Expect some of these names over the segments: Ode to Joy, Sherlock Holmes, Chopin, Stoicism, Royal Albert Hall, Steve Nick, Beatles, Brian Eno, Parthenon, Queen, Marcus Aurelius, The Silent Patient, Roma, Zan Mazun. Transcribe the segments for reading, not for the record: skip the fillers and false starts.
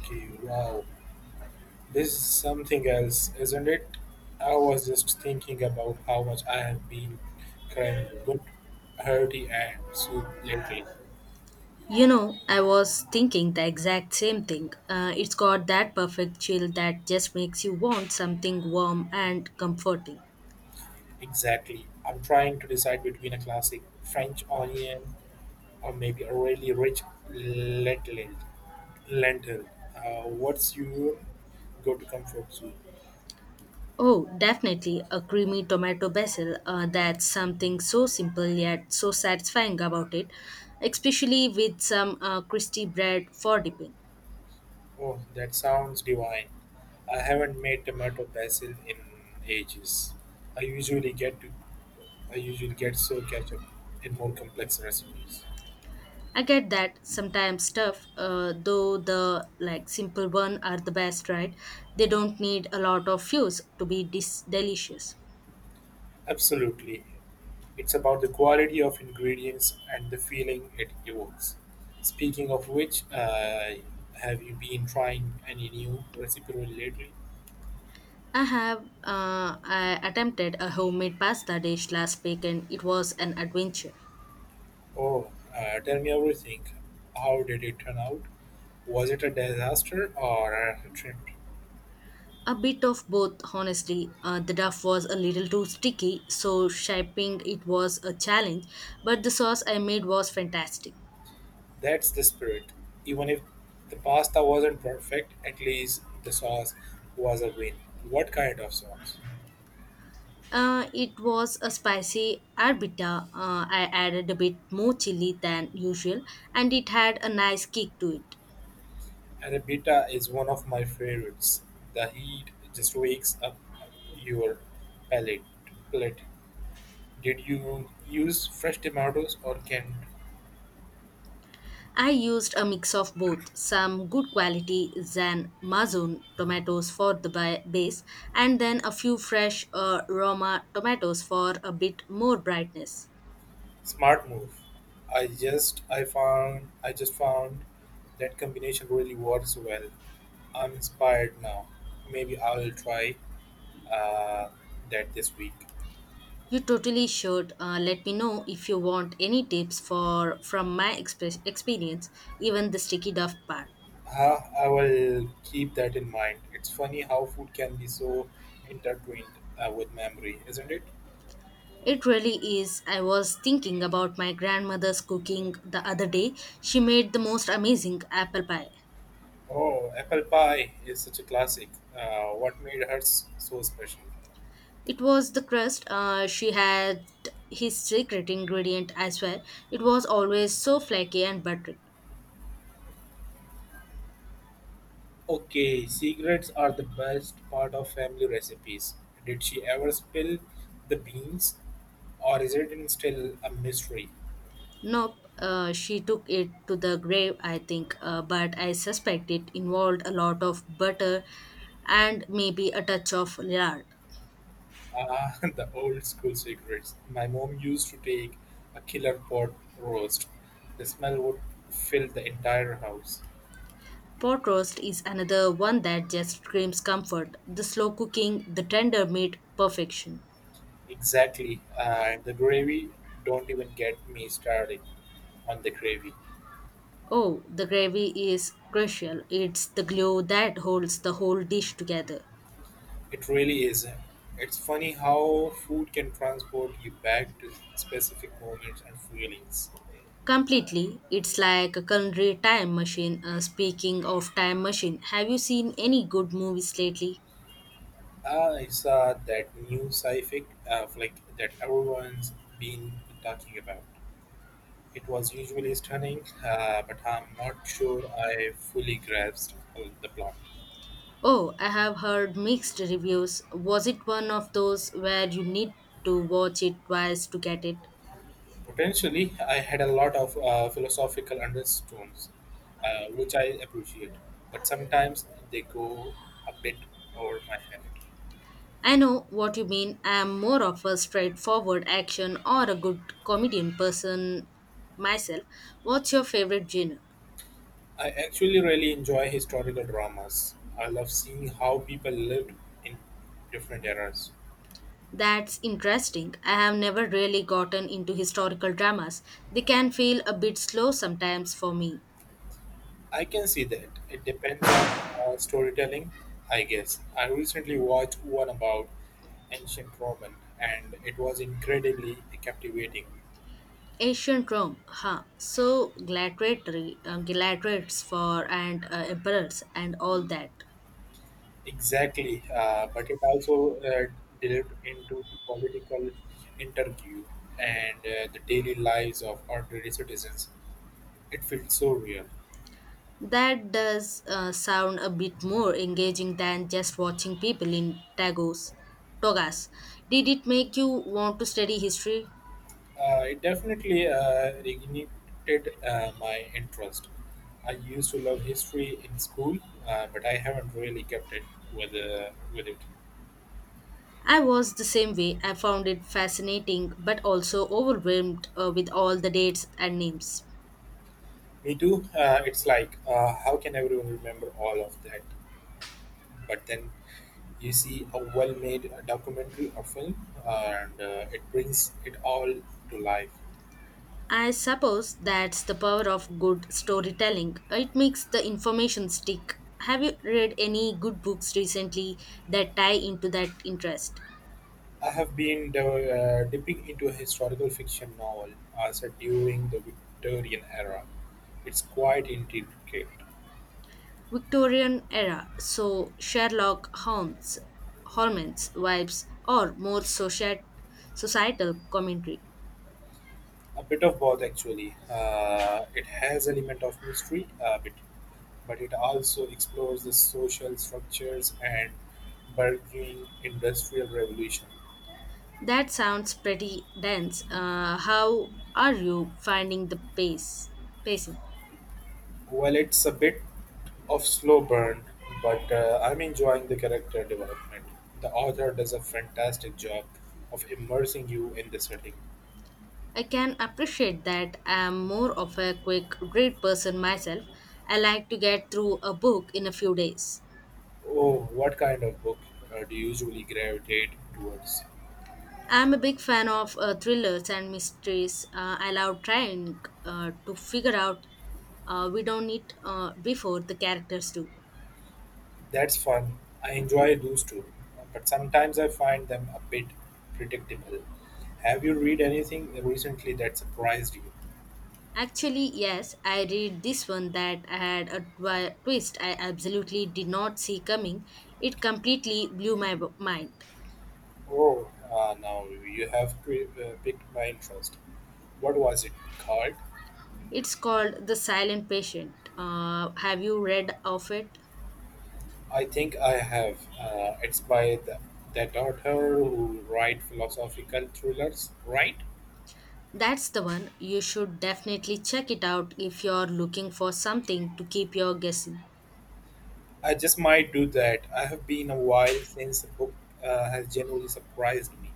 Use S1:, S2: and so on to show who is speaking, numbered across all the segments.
S1: Okay, wow. This is something else, isn't it? I was just thinking about how much I have been craving a good hearty and soup lately.
S2: You know, I was thinking the exact same thing. It's got that perfect chill that just makes you want something warm and comforting.
S1: Exactly. I'm trying to decide between a classic French onion or maybe a really rich lentil. lentil. What's your go-to comfort soup?
S2: Oh, definitely a creamy tomato basil. That's something so simple yet so satisfying about it, especially with some crispy bread for dipping.
S1: Oh, that sounds divine. I haven't made tomato basil in ages. I usually get to, I usually get so catch up in more complex recipes.
S2: I get that sometimes stuff, though the like simple one are the best, right? They don't need a lot of fuse to be delicious.
S1: Absolutely. It's about the quality of ingredients and the feeling it evokes. Speaking of which, have you been trying any new recipe really lately?
S2: I attempted a homemade pasta dish last week and it was an adventure.
S1: Oh, tell me everything. How did it turn out? Was it a disaster or a triumph?
S2: A bit of both, honestly. The dough was a little too sticky, so shaping it was a challenge, but the sauce I made was fantastic.
S1: That's the spirit. Even if the pasta wasn't perfect, at least the sauce was a win. What kind of sauce?
S2: It was a spicy arbita. I added a bit more chili than usual, and it had a nice kick to it.
S1: Arrabbiata is one of my favorites. The heat just wakes up your palate. palate. Did you use fresh tomatoes or canned?
S2: I used a mix of both some good quality Zan Mazun tomatoes for the base and then a few fresh Roma tomatoes for a bit more brightness.
S1: Smart move. I found I just found that combination really works well. I'm inspired now. Maybe I will try uh, that this week.
S2: You totally should let me know if you want any tips for from my express experience, even the sticky duff part.
S1: I will keep that in mind. It's funny how food can be so intertwined with memory, isn't it?
S2: It really is. I was thinking about my grandmother's cooking the other day. She made the most amazing apple pie.
S1: Oh, apple pie is such a classic. What made her so special?
S2: It was the crust. She had his secret ingredient as well. It was always so flaky and buttery.
S1: Okay, secrets are the best part of family recipes. Did she ever spill the beans, or is it in still a mystery?
S2: Nope, she took it to the grave, I think, but I suspect it involved a lot of butter and maybe a touch of lard.
S1: Ah, the old school secrets. My mom used to take a killer pot roast. The smell would fill the entire house.
S2: Pot roast is another one that just screams comfort. The slow cooking, the tender meat, perfection.
S1: Exactly, and the gravy. Don't even get me started on the gravy.
S2: Oh, the gravy is crucial. It's the glue that holds the whole dish together.
S1: It really is. It's funny how food can transport you back to specific moments and feelings.
S2: Completely. It's like a culinary time machine. Speaking of time machine, have you seen any good movies lately?
S1: Ah, I saw that new sci-fi flick that everyone's been talking about. It was usually stunning, but I'm not sure I fully grasped the plot.
S2: Oh, I have heard mixed reviews. Was it one of those where you need to watch it twice to get it?
S1: Potentially, I had a lot of philosophical undertones, which I appreciate, but sometimes they go a bit over my head.
S2: I know what you mean. I am more of a straightforward action or a good comedian person myself. What's your favorite genre?
S1: I actually really enjoy historical dramas. I love seeing how people lived in different eras.
S2: That's interesting. I have never really gotten into historical dramas. They can feel a bit slow sometimes for me.
S1: I can see that. It depends on storytelling, I guess. I recently watched one about ancient Roman and it was incredibly captivating.
S2: Ancient Rome, huh? So gladiatory, gladiators for and emperors and all that.
S1: Exactly, but it also delved into political interview and the daily lives of ordinary citizens. It felt so real.
S2: That does sound a bit more engaging than just watching people in togas. Did it make you want to study history?
S1: It definitely reignited my interest. I used to love history in school, but I haven't really kept it with it.
S2: I was the same way. I found it fascinating, but also overwhelmed with all the dates and names.
S1: Me too. It's like how can everyone remember all of that? But then you see a well-made documentary or film, and it brings it all to life.
S2: I suppose that's the power of good storytelling. It makes the information stick. Have you read any good books recently that tie into that interest?
S1: I have been dipping into a historical fiction novel set during the Victorian era. It's quite intricate,
S2: Victorian era, so Holmes vibes, or more societal commentary.
S1: a bit of both actually. It has element of mystery, a bit, but it also explores the social structures and burgeoning industrial revolution.
S2: That sounds pretty dense. How are you finding the pace? Pacing.
S1: Well, it's a bit of slow burn, but I'm enjoying the character development. The author does a fantastic job of immersing you in the setting.
S2: I can appreciate that I am more of a quick read person myself. I like to get through a book in a few days.
S1: Oh, what kind of book do you usually gravitate towards?
S2: I'm a big fan of thrillers and mysteries. I love trying to figure out we don't need before the characters do.
S1: That's fun. I enjoy those too, but sometimes I find them a bit predictable. Have you read anything recently that surprised you?
S2: Actually, yes, I read this one that I had a twist I absolutely did not see coming. It completely blew my mind.
S1: Oh, now you have piqued my interest. What was it called?
S2: It's called The Silent Patient. Have you read of it?
S1: I think I have. It's that author who write philosophical thrillers, right?
S2: That's the one. You should definitely check it out if you're looking for something to keep you guessing.
S1: I just might do that. I have been a while since a book has genuinely surprised me.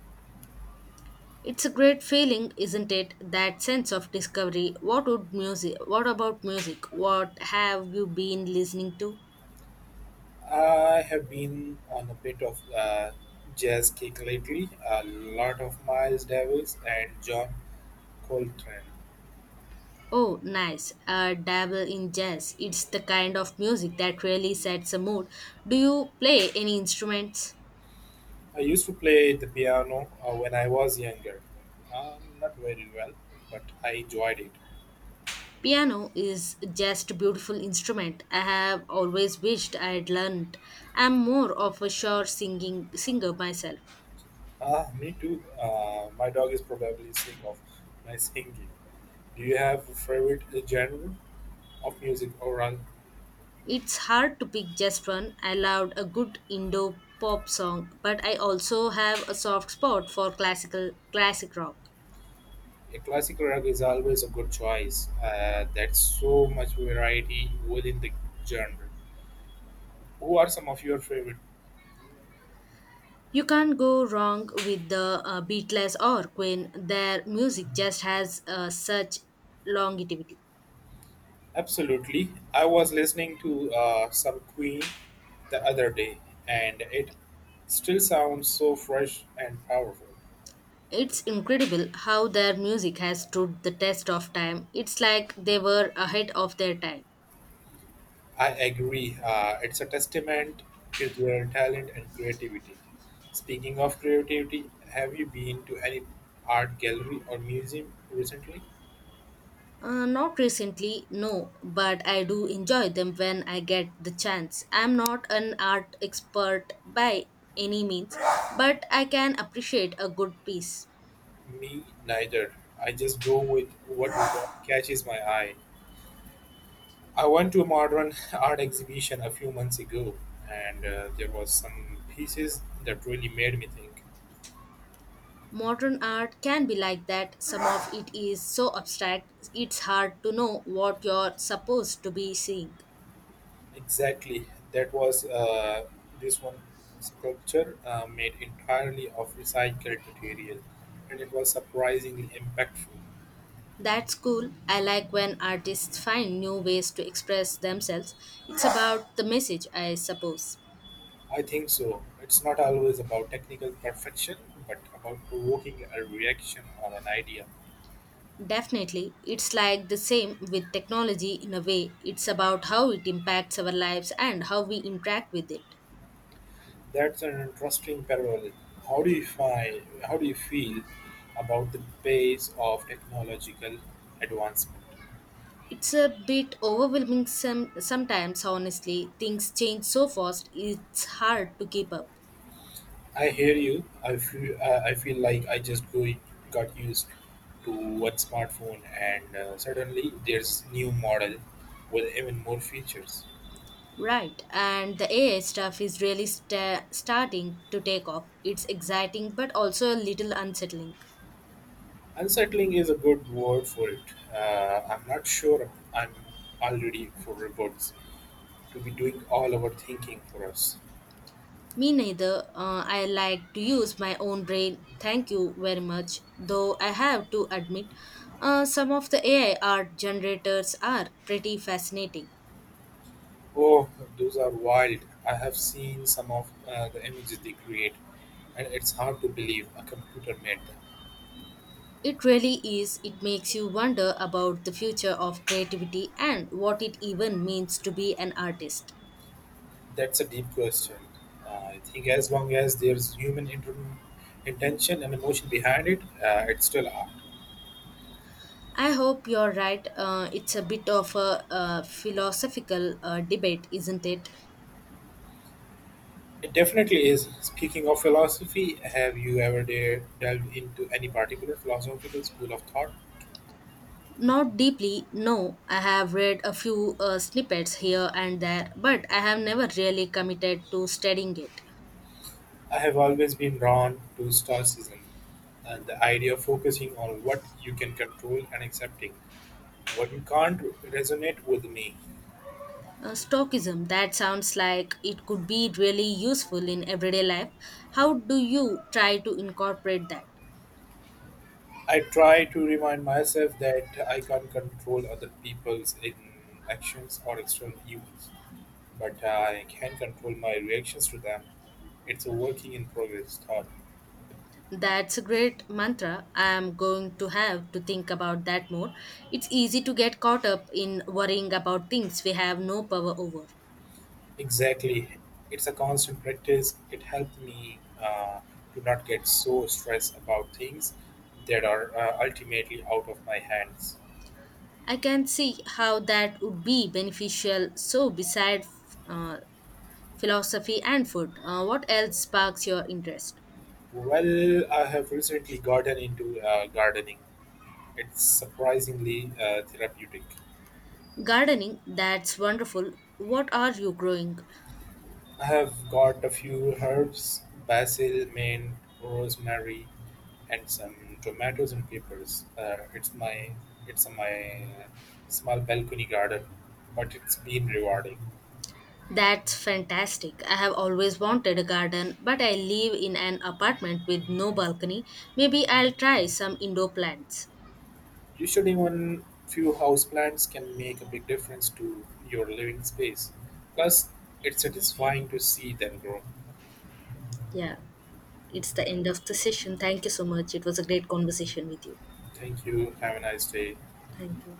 S2: It's a great feeling, isn't it? That sense of discovery. What would music? What about music? What have you been listening to?
S1: I have been on a bit of jazz kick lately, a lot of Miles Davis and John Coltrane.
S2: Oh, nice. Dabble in jazz. It's the kind of music that really sets a mood. Do you play any instruments?
S1: I used to play the piano when I was younger. Not very well, but I enjoyed it.
S2: Piano is just a beautiful instrument. I have always wished I had learned. I'm more of a sure singing singer myself.
S1: Ah, me too. My dog is probably sick of my singing. Do you have a favorite genre of music or rather?
S2: It's hard to pick just one. I loved a good Indo pop song, but I also have a soft spot for classic rock.
S1: A classic rug is always a good choice. That's so much variety within the genre. Who are some of your favorite?
S2: You can't go wrong with the Beatles or Queen. Their music just has such longevity.
S1: Absolutely. I was listening to some Queen the other day, and it still sounds so fresh and powerful.
S2: It's incredible how their music has stood the test of time. It's like they were ahead of their time.
S1: I agree. It's a testament to their talent and creativity. Speaking of creativity, have you been to any art gallery or museum recently?
S2: Not recently, no, but I do enjoy them when I get the chance. I'm not an art expert by any means, but I can appreciate a good piece.
S1: Me neither. I just go with what catches my eye. I went to a modern art exhibition a few months ago, and there was some pieces that really made me think.
S2: Modern art can be like that. Some of it is so abstract, it's hard to know what you're supposed to be seeing.
S1: Exactly, that was this one sculpture made entirely of recycled material, and it was surprisingly impactful.
S2: That's cool. I like when artists find new ways to express themselves. It's about the message, I suppose.
S1: I think so. It's not always about technical perfection, but about provoking a reaction or an idea.
S2: Definitely. It's like the same with technology in a way. It's about how it impacts our lives and how we interact with it.
S1: That's an interesting parallel. How do you feel about the pace of technological advancement?
S2: It's a bit overwhelming sometimes, honestly. Things change so fast, it's hard to keep up.
S1: I hear you. I feel like got used to one smartphone, and suddenly there's new model with even more features.
S2: Right, and the AI stuff is really starting to take off. It's exciting but also a little unsettling.
S1: Unsettling is a good word for it. I'm not sure I'm already for robots to be doing all our thinking for us.
S2: Me neither. I like to use my own brain. Thank you very much. Though I have to admit, some of the AI art generators are pretty fascinating.
S1: Oh, those are wild. I have seen some of the images they create, and it's hard to believe a computer made them.
S2: It really is. It makes you wonder about the future of creativity and what it even means to be an artist.
S1: That's a deep question. I think as long as there's human intention and emotion behind it, it's still art.
S2: I hope you're right. It's a bit of a, philosophical debate, isn't it?
S1: It definitely is. Speaking of philosophy, have you ever dare delved into any particular philosophical school of thought?
S2: Not deeply, no. I have read a few snippets here and there, but I have never really committed to studying it.
S1: I have always been drawn to Stoicism and the idea of focusing on what you can control and accepting what can't resonate with me,
S2: That sounds like it could be really useful in everyday life. How do you try to incorporate that?
S1: I try to remind myself that I can't control other people's in actions or external events, but I can control my reactions to them. It's a working in progress thought.
S2: That's a great mantra. I am going to have to think about that more. It's easy to get caught up in worrying about things we have no power over.
S1: Exactly. It's a constant practice. It helped me to not get so stressed about things that are ultimately out of my hands.
S2: I can see how that would be beneficial. So, beside uh, philosophy, and food. What else sparks your interest?
S1: Well, I have recently gotten into gardening. It's surprisingly therapeutic.
S2: Gardening, that's wonderful. What are you growing?
S1: I have got a few herbs, basil, mint, rosemary, and some tomatoes and peppers. It's my small balcony garden, but it's been rewarding.
S2: That's fantastic. I have always wanted a garden, but I live in an apartment with no balcony. Maybe I'll try some indoor plants.
S1: You should even few house plants can make a big difference to your living space. Plus, it's satisfying to see them grow.
S2: Yeah, it's the end of the session. Thank you so much. It was a great conversation with you.
S1: Thank you. Have a nice day.
S2: Thank you.